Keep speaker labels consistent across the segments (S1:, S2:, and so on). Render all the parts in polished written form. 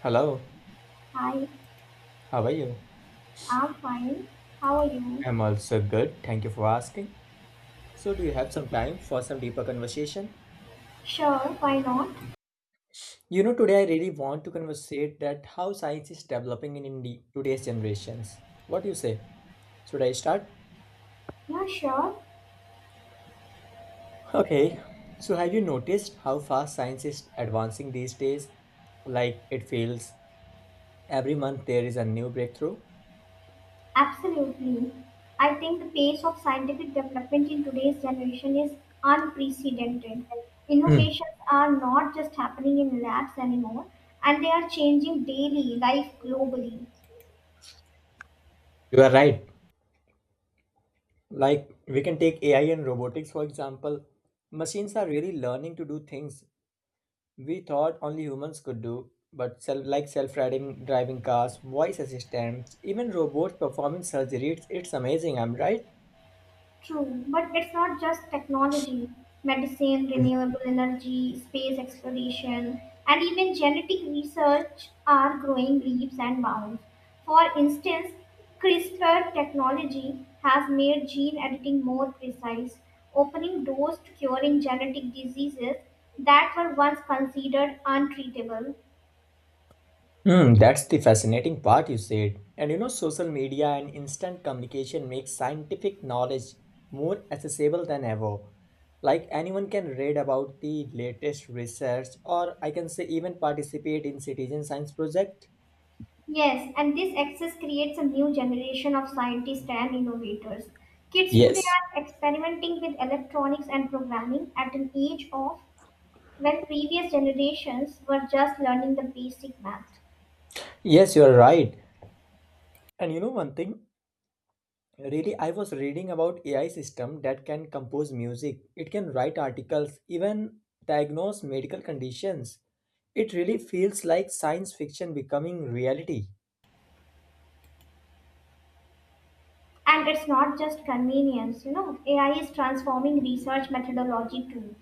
S1: Hello,
S2: Hi,
S1: how are you?
S2: I'm fine. How are you?
S1: I'm also good. Thank you for asking. So, do you have some time for some deeper conversation?
S2: Sure, why not?
S1: You know, today I really want to conversate that how science is developing in today's generations. What do you say? Should I start?
S2: Yeah, sure.
S1: Okay. So, have you noticed how fast science is advancing these days? Like it feels every month there is a new breakthrough.
S2: Absolutely. I think the pace of scientific development in today's generation is unprecedented.
S1: Hmm,
S2: Innovations are not just happening in labs anymore, and they are changing daily life globally.
S1: You are right. Like we can take AI and robotics for example. Machines are really learning to do things we thought only humans could do, but like self-driving driving cars, voice assistants, even robots performing surgery, it's amazing, I'm right?
S2: True, but it's not just technology. Medicine, renewable energy, space exploration, and even genetic research are growing leaps and bounds. For instance, CRISPR technology has made gene editing more precise, opening doors to curing genetic diseases that were once considered untreatable.
S1: Hmm, that's the fascinating part you said. And you know, social media and instant communication makes scientific knowledge more accessible than ever. Like anyone can read about the latest research, or I can say even participate in citizen science project.
S2: Yes, and this access creates a new generation of scientists and innovators. Kids today
S1: Yes.
S2: are experimenting with electronics and programming at an age of when previous generations were just learning the basic math.
S1: Yes, you are right. And you know one thing? Really, I was reading about AI system that can compose music. It can write articles, even diagnose medical conditions. It really feels like science fiction becoming reality.
S2: And it's not just convenience, you know, AI is transforming research methodology too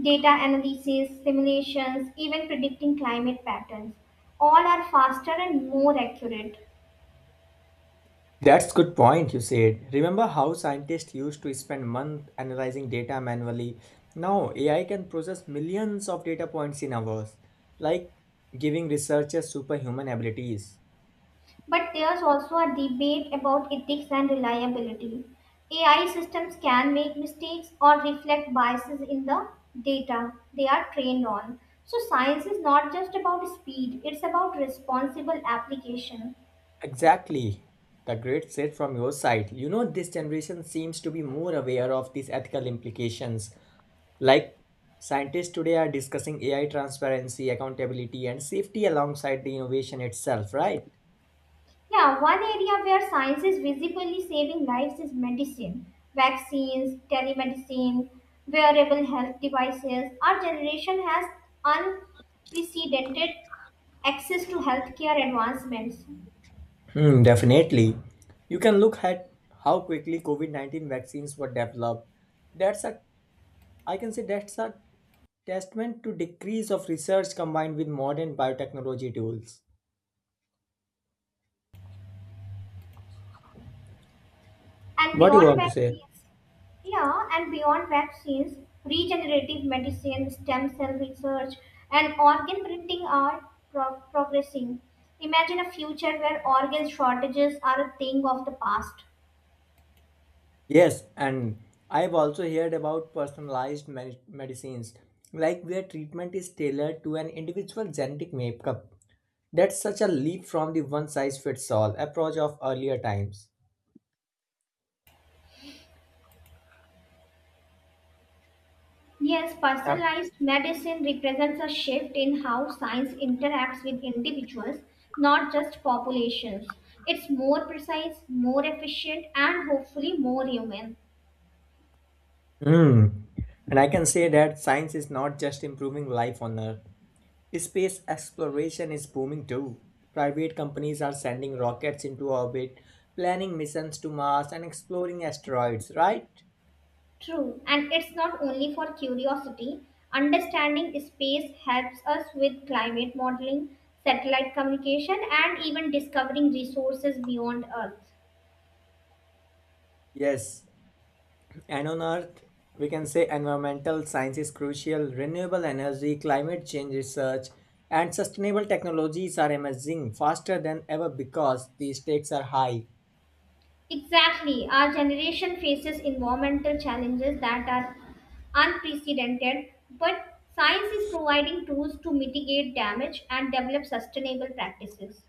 S2: data analysis, simulations, even predicting climate patterns. All are faster and more accurate.
S1: That's good point you said. Remember how scientists used to spend months analyzing data manually? Now AI can process millions of data points in hours, like giving researchers superhuman abilities.
S2: But there's also a debate about ethics and reliability. AI systems can make mistakes or reflect biases in the data they are trained on. So, science is not just about speed, it's about responsible application.
S1: Exactly. The great set from your side. You know, this generation seems to be more aware of these ethical implications. Like scientists today are discussing AI transparency, accountability, and safety alongside the innovation itself, right?
S2: Yeah, one area where science is visibly saving lives is medicine. Vaccines, telemedicine, wearable health devices. Our generation has unprecedented access to healthcare advancements.
S1: Hmm, definitely. You can look at how quickly COVID-19 vaccines were developed. That's a I can say that's a testament to decrease of research combined with modern biotechnology tools.
S2: And
S1: What do you
S2: beyond
S1: want to say?
S2: vaccines, yeah, and beyond vaccines, regenerative medicine, stem cell research, and organ printing are progressing. Imagine a future where organ shortages are a thing of the past.
S1: Yes, and I've also heard about personalized medicines, like where treatment is tailored to an individual genetic makeup. That's such a leap from the one size fits all approach of earlier times.
S2: Yes,
S1: Yeah.
S2: personalized medicine represents a shift in how science interacts with individuals, not just populations. It's more precise, more efficient, and hopefully more human.
S1: Hmm. And I can say that science is not just improving life on Earth, space exploration is booming too. Private companies are sending rockets into orbit, planning missions to Mars, and exploring asteroids, right?
S2: True, and it's not only for curiosity. Understanding space helps us with climate modeling, satellite communication, and even discovering resources beyond Earth.
S1: Yes. And on Earth, we can say environmental science is crucial. Renewable energy, climate change research, and sustainable technologies are emerging faster than ever because the stakes are high.
S2: Exactly, our generation faces environmental challenges that are unprecedented, but science is providing tools to mitigate damage and develop sustainable practices.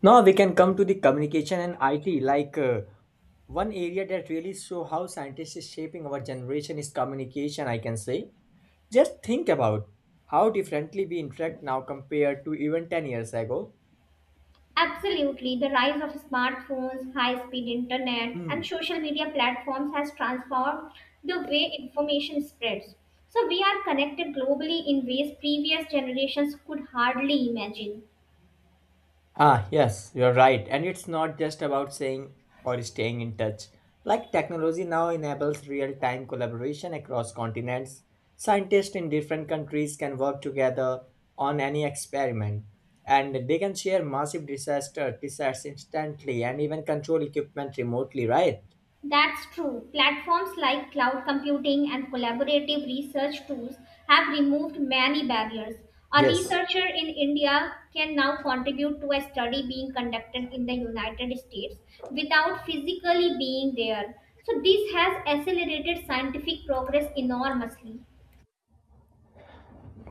S1: Now we can come to the communication and IT. Like one area that really show how scientists is shaping our generation is communication. I can say. Just think about how differently we interact now compared to even 10 years ago.
S2: Absolutely, the rise of smartphones, high speed internet,
S1: Hmm.
S2: and social media platforms has transformed the way information spreads. So, we are connected globally in ways previous generations could hardly imagine.
S1: Ah, yes, you're right. And it's not just about saying or staying in touch. Like technology now enables real time collaboration across continents. Scientists in different countries can work together on any experiment and they can share massive disaster tests instantly and even control equipment remotely, right?
S2: That's true. Platforms like cloud computing and collaborative research tools have removed many barriers. A
S1: Yes.
S2: researcher in India can now contribute to a study being conducted in the United States without physically being there. So, this has accelerated scientific progress enormously.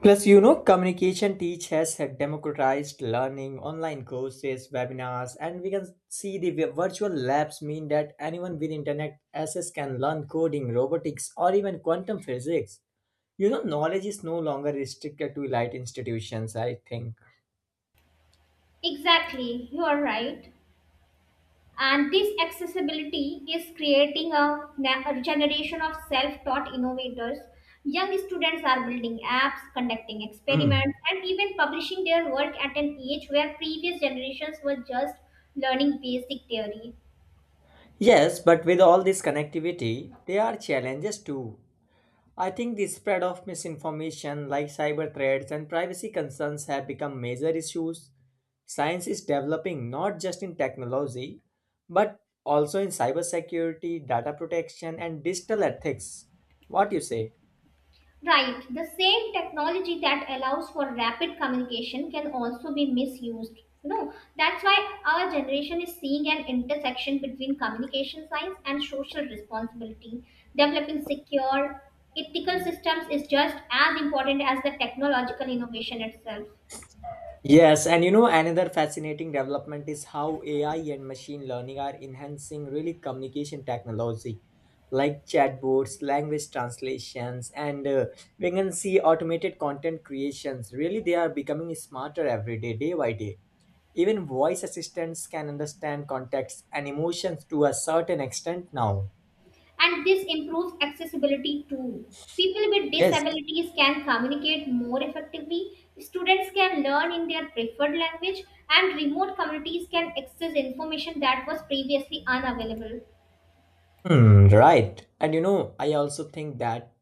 S1: Plus, you know, communication teach has democratized learning, online courses, webinars, and we can see the virtual labs mean that anyone with internet access can learn coding, robotics, or even quantum physics. You know, knowledge is no longer restricted to elite institutions, I think.
S2: Exactly, you are right. And this accessibility is creating a generation of self taught innovators. Young students are building apps, conducting
S1: Hmm.
S2: experiments, and even publishing their work at an age where previous generations were just learning basic theory.
S1: Yes, but with all this connectivity, there are challenges too. I think the spread of misinformation like cyber threats and privacy concerns have become major issues. Science is developing not just in technology, but also in cybersecurity, data protection, and digital ethics. What you say?
S2: Right, the same technology that allows for rapid communication can also be misused. You know, that's why our generation is seeing an intersection between communication science and social responsibility. Developing secure, ethical systems is just as important as the technological innovation itself.
S1: Yes, and you know, another fascinating development is how AI and machine learning are enhancing really communication technology like chatbots, language translations, and we can see automated content creations. Really, they are becoming smarter every day, day by day. Even voice assistants can understand context and emotions to a certain extent now.
S2: And this improves accessibility too. People with
S1: Yes.
S2: disabilities can communicate more effectively, students can learn in their preferred language, and remote communities can access information that was previously unavailable.
S1: Hmm, right. And you know, I also think that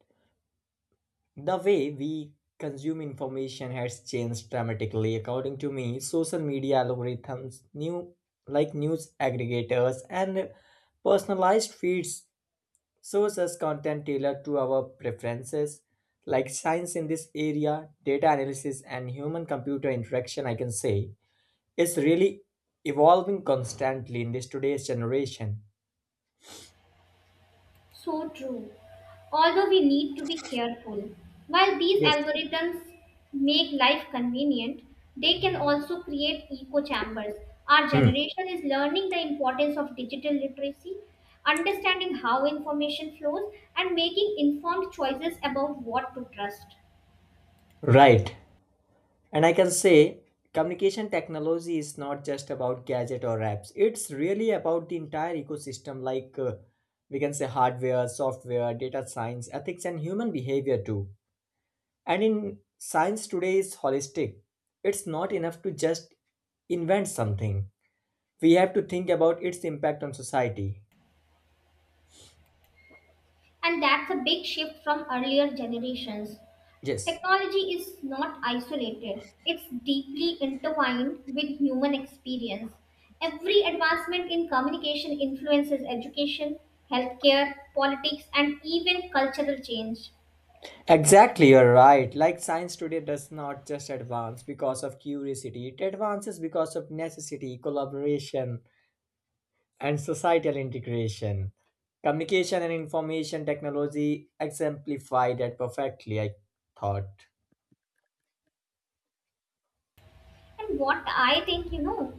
S1: the way we consume information has changed dramatically. According to me, social media algorithms, new like news aggregators and personalized feeds shows us content tailored to our preferences. Like science in this area, data analysis and human computer interaction, I can say, is really evolving constantly in this today's generation.
S2: So true. Although we need to be careful, while these
S1: Yes.
S2: algorithms make life convenient, they can also create echo chambers. Our
S1: Hmm.
S2: generation is learning the importance of digital literacy, understanding how information flows, and making informed choices about what to trust.
S1: Right. And I can say communication technology is not just about gadget or apps. It's really about the entire ecosystem like we can say hardware, software, data science, ethics and human behavior too. And in science today is holistic. It's not enough to just invent something. We have to think about its impact on society.
S2: And that's a big shift from earlier generations.
S1: Yes.
S2: Technology is not isolated, it's deeply intertwined with human experience. Every advancement in communication influences education, healthcare, politics, and even cultural change.
S1: Exactly, you're right. Like science today does not just advance because of curiosity, it advances because of necessity, collaboration, and societal integration. Communication and information technology exemplify that perfectly, I thought.
S2: And what I think, you know,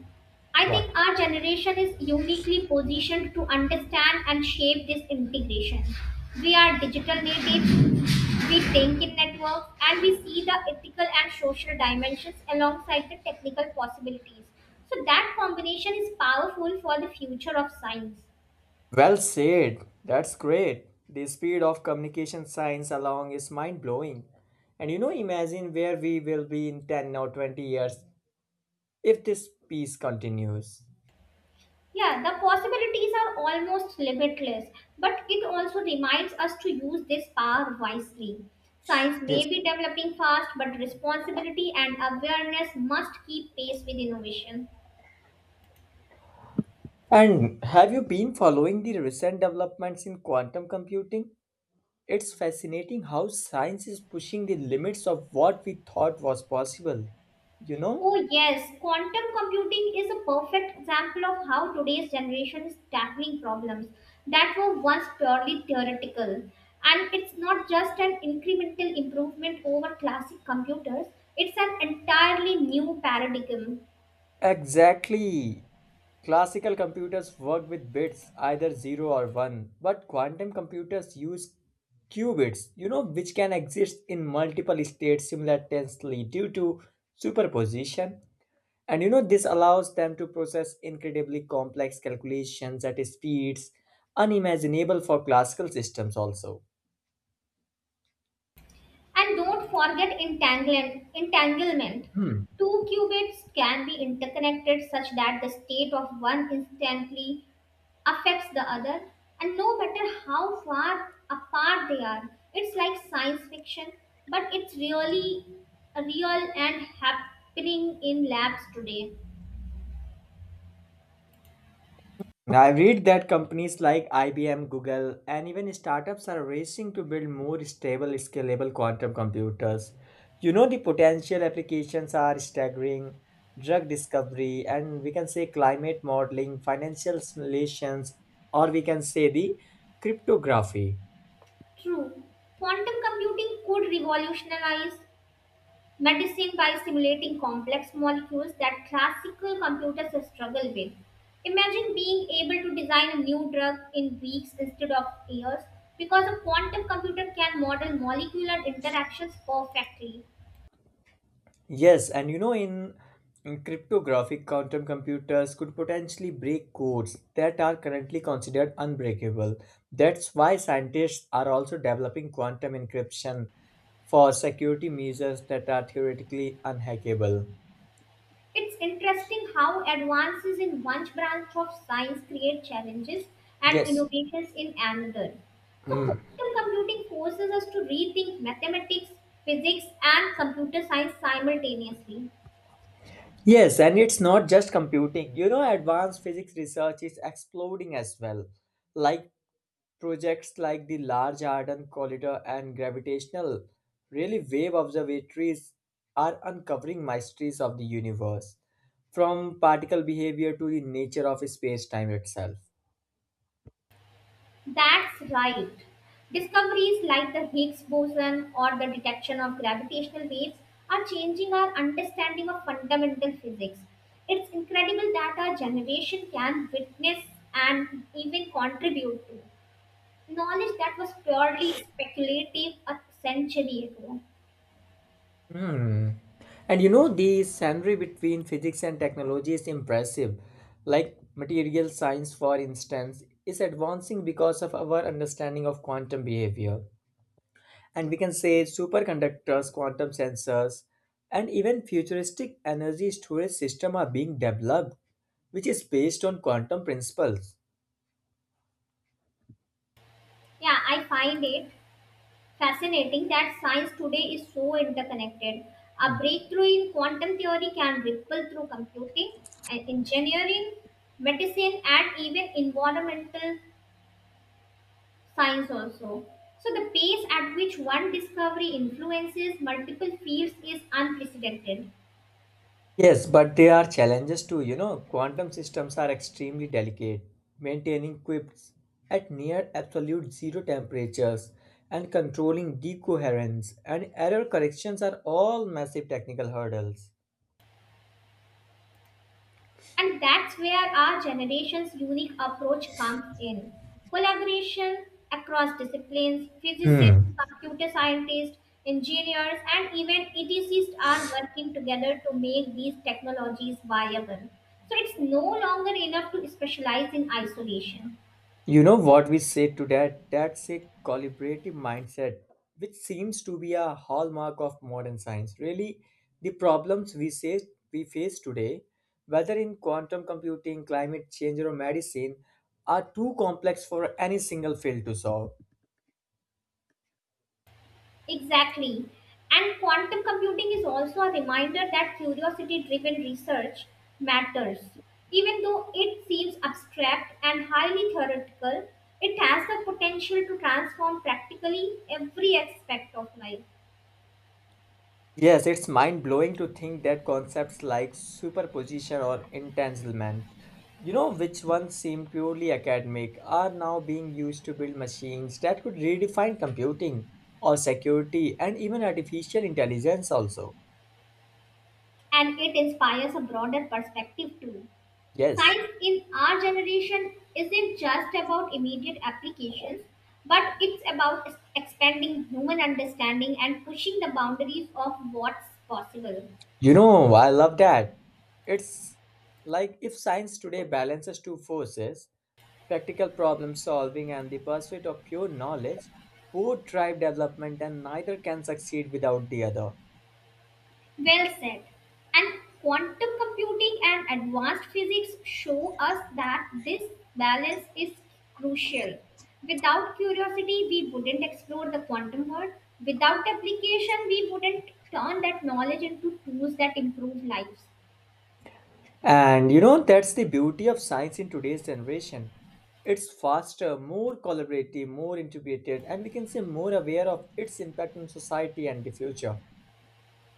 S2: I think
S1: What?
S2: our generation is uniquely positioned to understand and shape this integration. We are digital natives. We think in networks and we see the ethical and social dimensions alongside the technical possibilities. So that combination is powerful for the future of science.
S1: Well said. That's great. The speed of communication science along is mind blowing. And you know, imagine where we will be in 10 or 20 years if this peace continues.
S2: Yeah, the possibilities are almost limitless, but it also reminds us to use this power wisely. Science
S1: Yes.
S2: may be developing fast, but responsibility and awareness must keep pace with innovation.
S1: And have you been following the recent developments in quantum computing? It's fascinating how science is pushing the limits of what we thought was possible. You know?
S2: Oh, yes, quantum computing is a perfect example of how today's generation is tackling problems that were once purely theoretical. And it's not just an incremental improvement over classic computers, it's an entirely new paradigm.
S1: Exactly. Classical computers work with bits, either 0 or 1, but quantum computers use qubits, you know, which can exist in multiple states simultaneously due to superposition. And you know, this allows them to process incredibly complex calculations at speeds unimaginable for classical systems, also.
S2: And don't forget entanglement.
S1: Hmm.
S2: Two qubits can be interconnected such that the state of one instantly affects the other, and no matter how far apart they are, it's like science fiction, but it's really real and happening in labs today.
S1: Now, I read that companies like IBM, Google, and even startups are racing to build more stable, scalable quantum computers. You know, the potential applications are staggering drug discovery, and we can say climate modeling, financial simulations, or we can say the cryptography.
S2: True, quantum computing could revolutionize medicine by simulating complex molecules that classical computers struggle with. Imagine being able to design a new drug in weeks instead of years because a quantum computer can model molecular interactions perfectly.
S1: Yes, and you know, in cryptographic quantum computers could potentially break codes that are currently considered unbreakable. That's why scientists are also developing quantum encryption for security measures that are theoretically unhackable.
S2: It's interesting how advances in one branch of science create challenges and
S1: Yes.
S2: innovations in another. So, quantum computing forces us to rethink mathematics, physics, and computer science simultaneously.
S1: Yes, and it's not just computing. You know, advanced physics research is exploding as well. Like projects like the Large Hadron Collider and gravitational really wave observatories are uncovering mysteries of the universe, from particle behavior to the nature of space-time itself.
S2: That's right. Discoveries like the Higgs boson or the detection of gravitational waves are changing our understanding of fundamental physics. It's incredible that our generation can witness and even contribute to knowledge that was purely speculative a century ago.
S1: Hmm. And you know, the scenery between physics and technology is impressive. Like material science, for instance, is advancing because of our understanding of quantum behavior. And we can say superconductors, quantum sensors, and even futuristic energy storage system are being developed, which is based on quantum principles.
S2: Yeah, I find it fascinating that science today is so interconnected. A breakthrough in quantum theory can ripple through computing and engineering, medicine, and even environmental science also. So the pace at which one discovery influences multiple fields is unprecedented.
S1: Yes, but there are challenges too. You know, quantum systems are extremely delicate, maintaining quips at near absolute zero temperatures and controlling decoherence and error corrections are all massive technical hurdles.
S2: And that's where our generation's unique approach comes in. Collaboration across disciplines, physicists,
S1: Hmm.
S2: computer scientists, engineers, and even ETCs are working together to make these technologies viable. So it's no longer enough to specialize in isolation.
S1: You know what we say to that? That's a collaborative mindset, which seems to be a hallmark of modern science. Really, the problems we say we face today, whether in quantum computing, climate change, or medicine, are too complex for any single field to solve.
S2: Exactly. And quantum computing is also a reminder that curiosity driven research matters. Even though it seems abstract and highly theoretical, it has the potential to transform practically every aspect of life.
S1: Yes, it's mind blowing to think that concepts like superposition or entanglement, you know, which once seemed purely academic, are now being used to build machines that could redefine computing or security and even artificial intelligence, also.
S2: And it inspires a broader perspective too.
S1: Yes.
S2: Science in our generation isn't just about immediate applications, but it's about expanding human understanding and pushing the boundaries of what's possible.
S1: You know, I love that. It's like if science today balances two forces practical problem solving and the pursuit of pure knowledge both drive development and neither can succeed without the other.
S2: Well said. And quantum computing and advanced physics show us that this balance is crucial. Without curiosity, we wouldn't explore the quantum world. Without application, we wouldn't turn that knowledge into tools that improve lives.
S1: And you know, that's the beauty of science in today's generation. It's faster, more collaborative, more integrated, and we can say more aware of its impact on society and the future.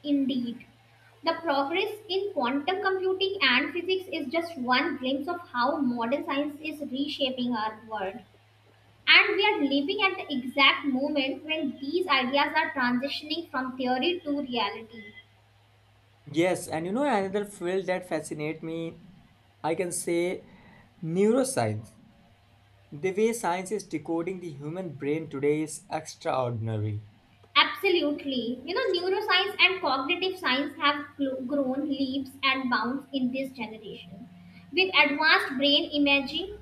S2: Indeed, the progress in quantum computing and physics is just one glimpse of how modern science is reshaping our world. And we are living at the exact moment when these ideas are transitioning from theory to reality.
S1: Yes, and you know, another field that fascinates me, I can say neuroscience. The way science is decoding the human brain today is extraordinary.
S2: Absolutely. You know, neuroscience and cognitive science have grown leaps and bounds in this generation. With advanced brain imaging,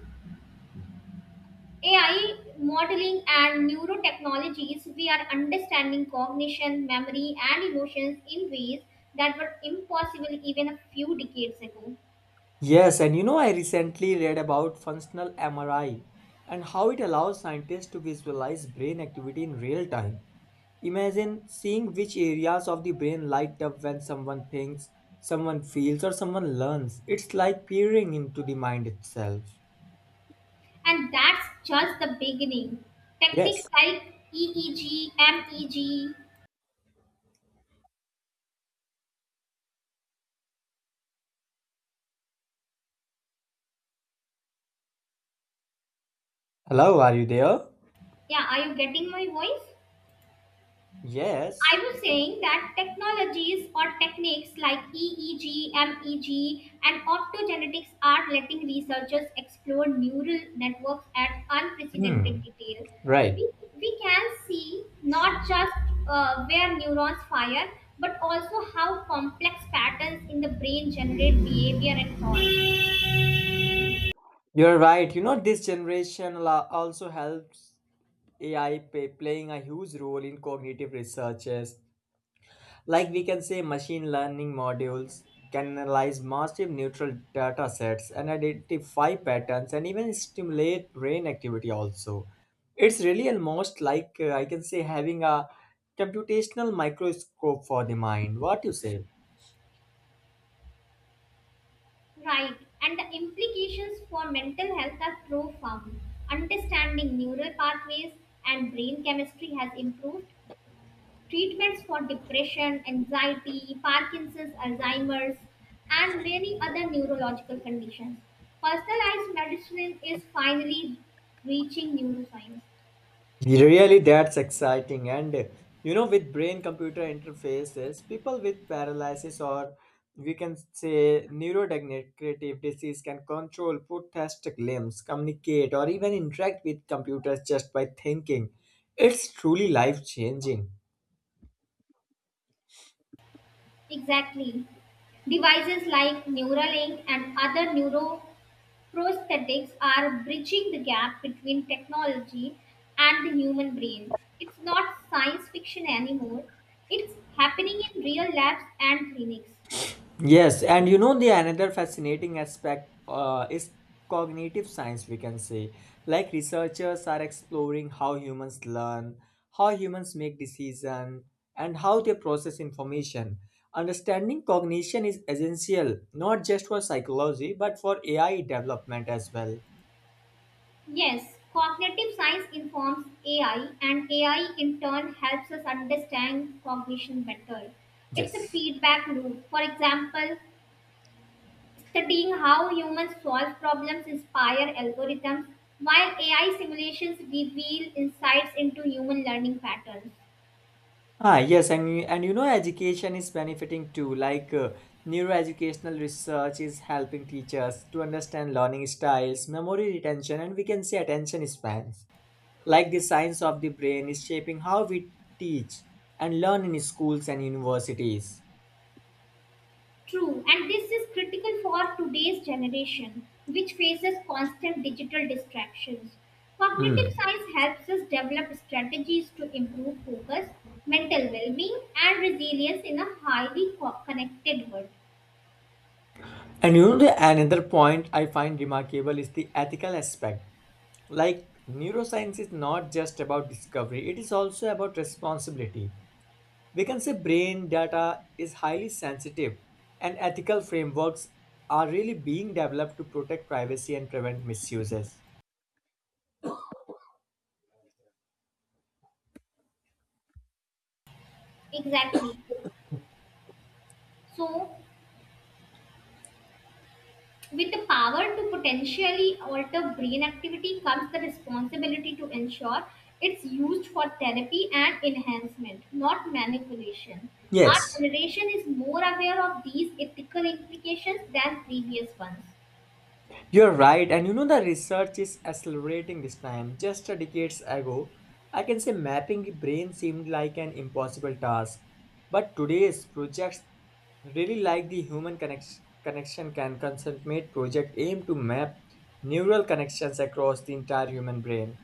S2: AI modeling, and neurotechnologies, we are understanding cognition, memory, and emotions in ways that were impossible even a few decades ago.
S1: Yes, and you know, I recently read about functional MRI and how it allows scientists to visualize brain activity in real time. Imagine seeing which areas of the brain light up when someone thinks, someone feels, or someone learns. It's like peering into the mind itself.
S2: And that's just the beginning. Techniques
S1: Yes.
S2: like EEG, MEG.
S1: Hello, are you there?
S2: Yeah, are you getting my voice? I
S1: Yes.
S2: was saying that technologies or techniques like EEG, MEG, and optogenetics are letting researchers explore neural networks at
S1: Hmm.
S2: unprecedented detail.
S1: Right.
S2: We, we can see not just where neurons fire, but also how complex patterns in the brain generate behavior and thought.
S1: You're right. You know, this generation also helps AI playing a huge role in cognitive researches. Like we can say, machine learning modules can analyze massive neutral data sets and identify patterns and even stimulate brain activity also. It's really almost like I can say having a computational microscope for the mind. What you say?
S2: Right, and the implications for mental health are profound. Understanding neural pathways and brain chemistry has improved. Treatments for depression, anxiety, Parkinson's, Alzheimer's, and many other neurological conditions. Personalized medicine is finally reaching neuroscience.
S1: Really, that's exciting. And you know, with brain computer interfaces, people with paralysis or we can say neurodegenerative disease can control, prosthetic limbs, communicate, or even interact with computers just by thinking. It's truly life changing.
S2: Exactly. Devices like Neuralink and other neuro prosthetics are bridging the gap between technology and the human brain. It's not science fiction anymore, it's happening in real labs and clinics.
S1: Yes, and you know the another fascinating aspect is cognitive science, we can say. Like researchers are exploring how humans learn, how humans make decisions, and how they process information. Understanding cognition is essential, not just for psychology, but for AI development as well.
S2: Yes, cognitive science informs AI, and AI in turn helps us understand cognition better. It's a
S1: Yes.
S2: feedback loop. For example, studying how humans solve problems inspire algorithms, while AI simulations reveal insights into human learning patterns.
S1: Ah, yes, and you know, education is benefiting too. Like neuroeducational research is helping teachers to understand learning styles, memory retention, and we can say attention spans. Like the science of the brain is shaping how we teach and learn in schools and universities.
S2: True, and this is critical for today's generation, which faces constant digital distractions. Cognitive
S1: Hmm.
S2: science helps us develop strategies to improve focus, mental well being, and resilience in a highly connected world.
S1: And you know, the another point I find remarkable is the ethical aspect. Like neuroscience is not just about discovery; it is also about responsibility. We can say brain data is highly sensitive, and ethical frameworks are really being developed to protect privacy and prevent misuses.
S2: Exactly. So, with the power to potentially alter brain activity comes the responsibility to ensure it's used for therapy and enhancement, not manipulation. Our
S1: Yes,
S2: generation is more aware of these ethical implications than previous ones.
S1: you're right, and you know the research is accelerating this time. Just a decades ago, I can say mapping the brain seemed like an impossible task, but today's projects really like the human connection connection can concentrate project aim to map neural connections across the entire human brain.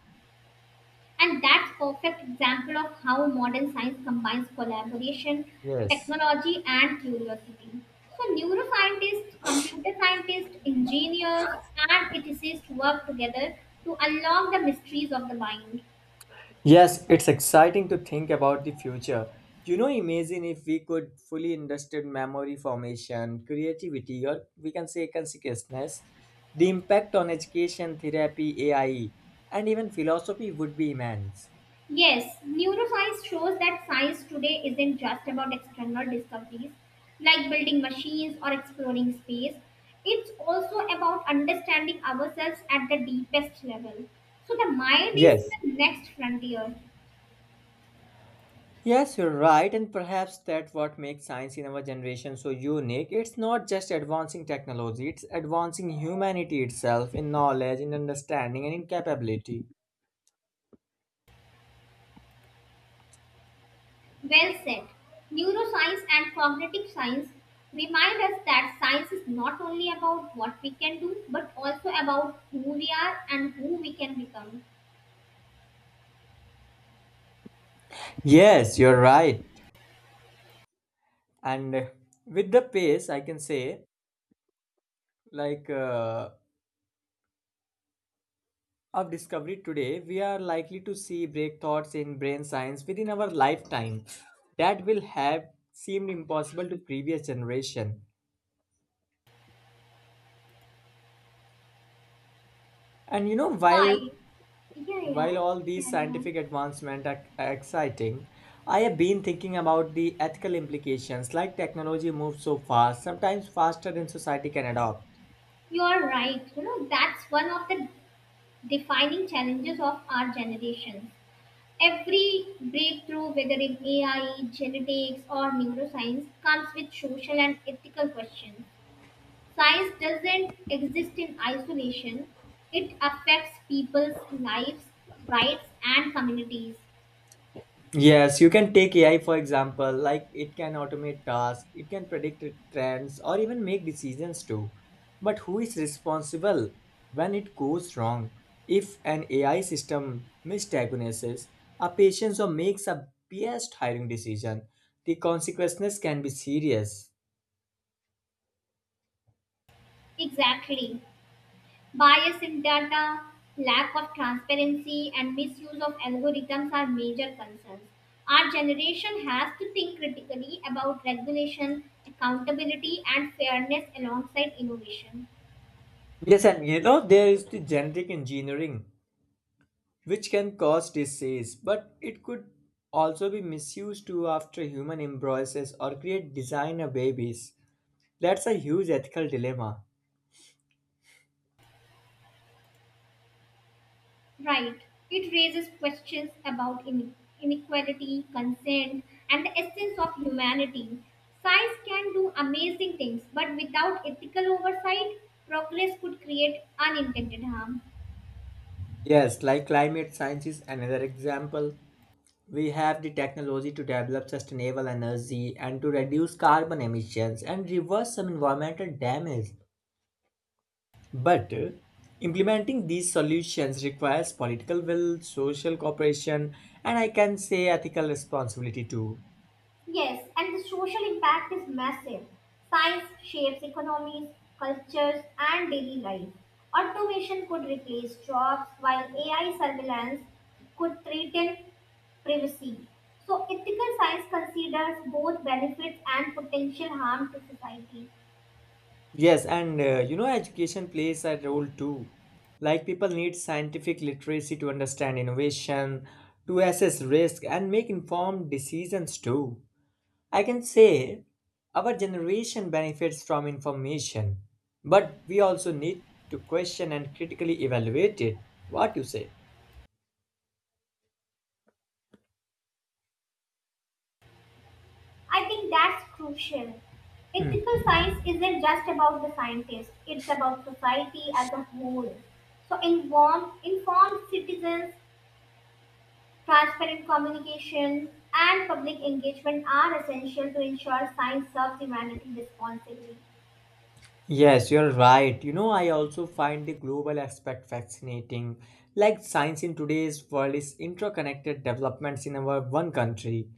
S2: And that's perfect example of how modern science combines collaboration,
S1: Yes.
S2: technology, and curiosity. So neuroscientists, computer scientists, engineers, and ethicists work together to unlock the mysteries of the mind.
S1: Yes, it's exciting to think about the future. You know, imagine if we could fully understand memory formation, creativity, or we can say consciousness, the impact on education, therapy, AI, and even philosophy would be immense.
S2: Yes, neuroscience shows that science today isn't just about external discoveries like building machines or exploring space. It's also about understanding ourselves at the deepest level. So, the mind
S1: Yes.
S2: is the next frontier.
S1: Yes, you're right, and perhaps that's what makes science in our generation so unique. It's not just advancing technology, it's advancing humanity itself in knowledge, in understanding, and in capability.
S2: Well said. Neuroscience and cognitive science remind us that science is not only about what we can do but also about who we are and who we can become.
S1: Yes, you're right. And With the pace, I can say, like uh, of discovery today, we are likely to see breakthroughs in brain science within our lifetime that will have seemed impossible to previous generation. And you know,
S2: Why? Yeah, yeah.
S1: while all these
S2: Carry on.
S1: scientific advancements are exciting, I have been thinking about the ethical implications. Like technology moves so fast, sometimes faster than society can adopt.
S2: You're right. You know, that's one of the defining challenges of our generation. Every breakthrough, whether in AI, genetics, or neuroscience, comes with social and ethical questions. Science doesn't exist in isolation, it affects people's lives, rights, and communities.
S1: Yes, you can take AI for example, like it can automate tasks, it can predict trends, or even make decisions too. But who is responsible when it goes wrong? If an AI system misdiagnoses a patient or makes a biased hiring decision, the consequences can be serious.
S2: Exactly. Bias in data, lack of transparency, and misuse of algorithms are major concerns. Our generation has to think critically about regulation, accountability, and fairness alongside innovation.
S1: Yes, and you know, there is the genetic engineering, which can cause disease, but it could also be misused too after human embryos or create designer babies. That's a huge ethical dilemma.
S2: Right. It raises questions about inequality, consent, and the essence of humanity. Science can do amazing things, but without ethical oversight, progress could create unintended harm.
S1: Yes, like climate science is another example. We have the technology to develop sustainable energy and to reduce carbon emissions and reverse some environmental damage. But Implementing these solutions requires political will, social cooperation, and I can say ethical responsibility too.
S2: Yes, and the social impact is massive. Science shapes economies, cultures, and daily life. Automation could replace jobs, while AI surveillance could threaten privacy. So, ethical science considers both benefits and potential harm to society.
S1: Yes, and you know, education plays a role too. Like, people need scientific literacy to understand innovation, to assess risk, and make informed decisions too. I can say our generation benefits from information, but we also need to question and critically evaluate it. What you say?
S2: I think that's crucial. Ethical science isn't just about the scientists, it's about society as a whole. So, informed citizens, transparent communication and public engagement are essential to ensure science serves humanity responsibly.
S1: Yes, you're right. You know, I also find the global aspect fascinating. Like science in today's world is interconnected developments in our one country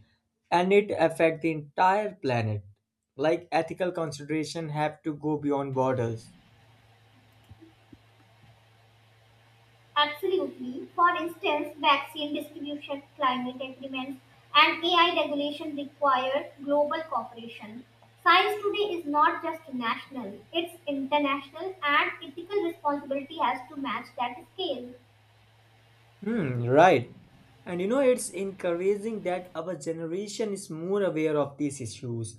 S1: and it affect the entire planet. Like ethical consideration have to go beyond borders.
S2: Absolutely. For instance, vaccine distribution, climate agreements, and AI regulation require global cooperation. Science today is not just national, it's international, and ethical responsibility has to match that scale.
S1: Hmm, right. And you know, it's encouraging that our generation is more aware of these issues.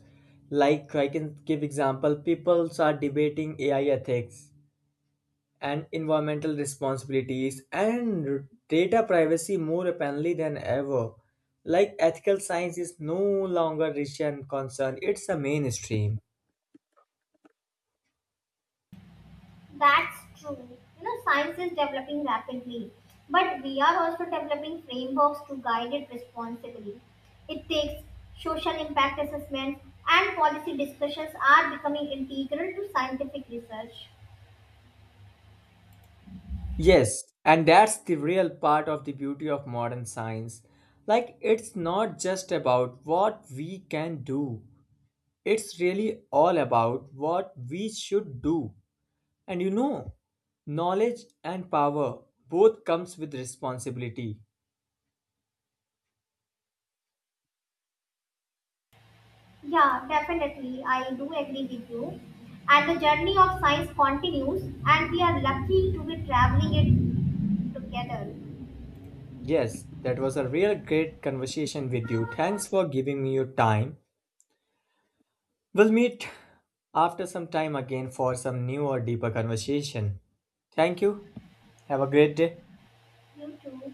S1: Like I can give example, people are debating AI ethics and environmental responsibilities and data privacy more openly than ever. Like ethical science is no longer region concern, it's a mainstream.
S2: That's true. You know, science is developing rapidly, but we are also developing frameworks to guide it responsibly. It takes social impact assessments and policy discussions are becoming integral to scientific research.
S1: Yes, and that's the real part of the beauty of modern science. Like it's not just about what we can do. It's really all about what we should do. And you know, knowledge and power both comes with responsibility.
S2: Yeah, definitely. I do agree with you. And the journey of science continues, and we are lucky to be traveling it together.
S1: Yes, that was a real great conversation with you. Thanks for giving me your time. We'll meet after some time again for some new or deeper conversation. Thank you. Have a great day.
S2: You too.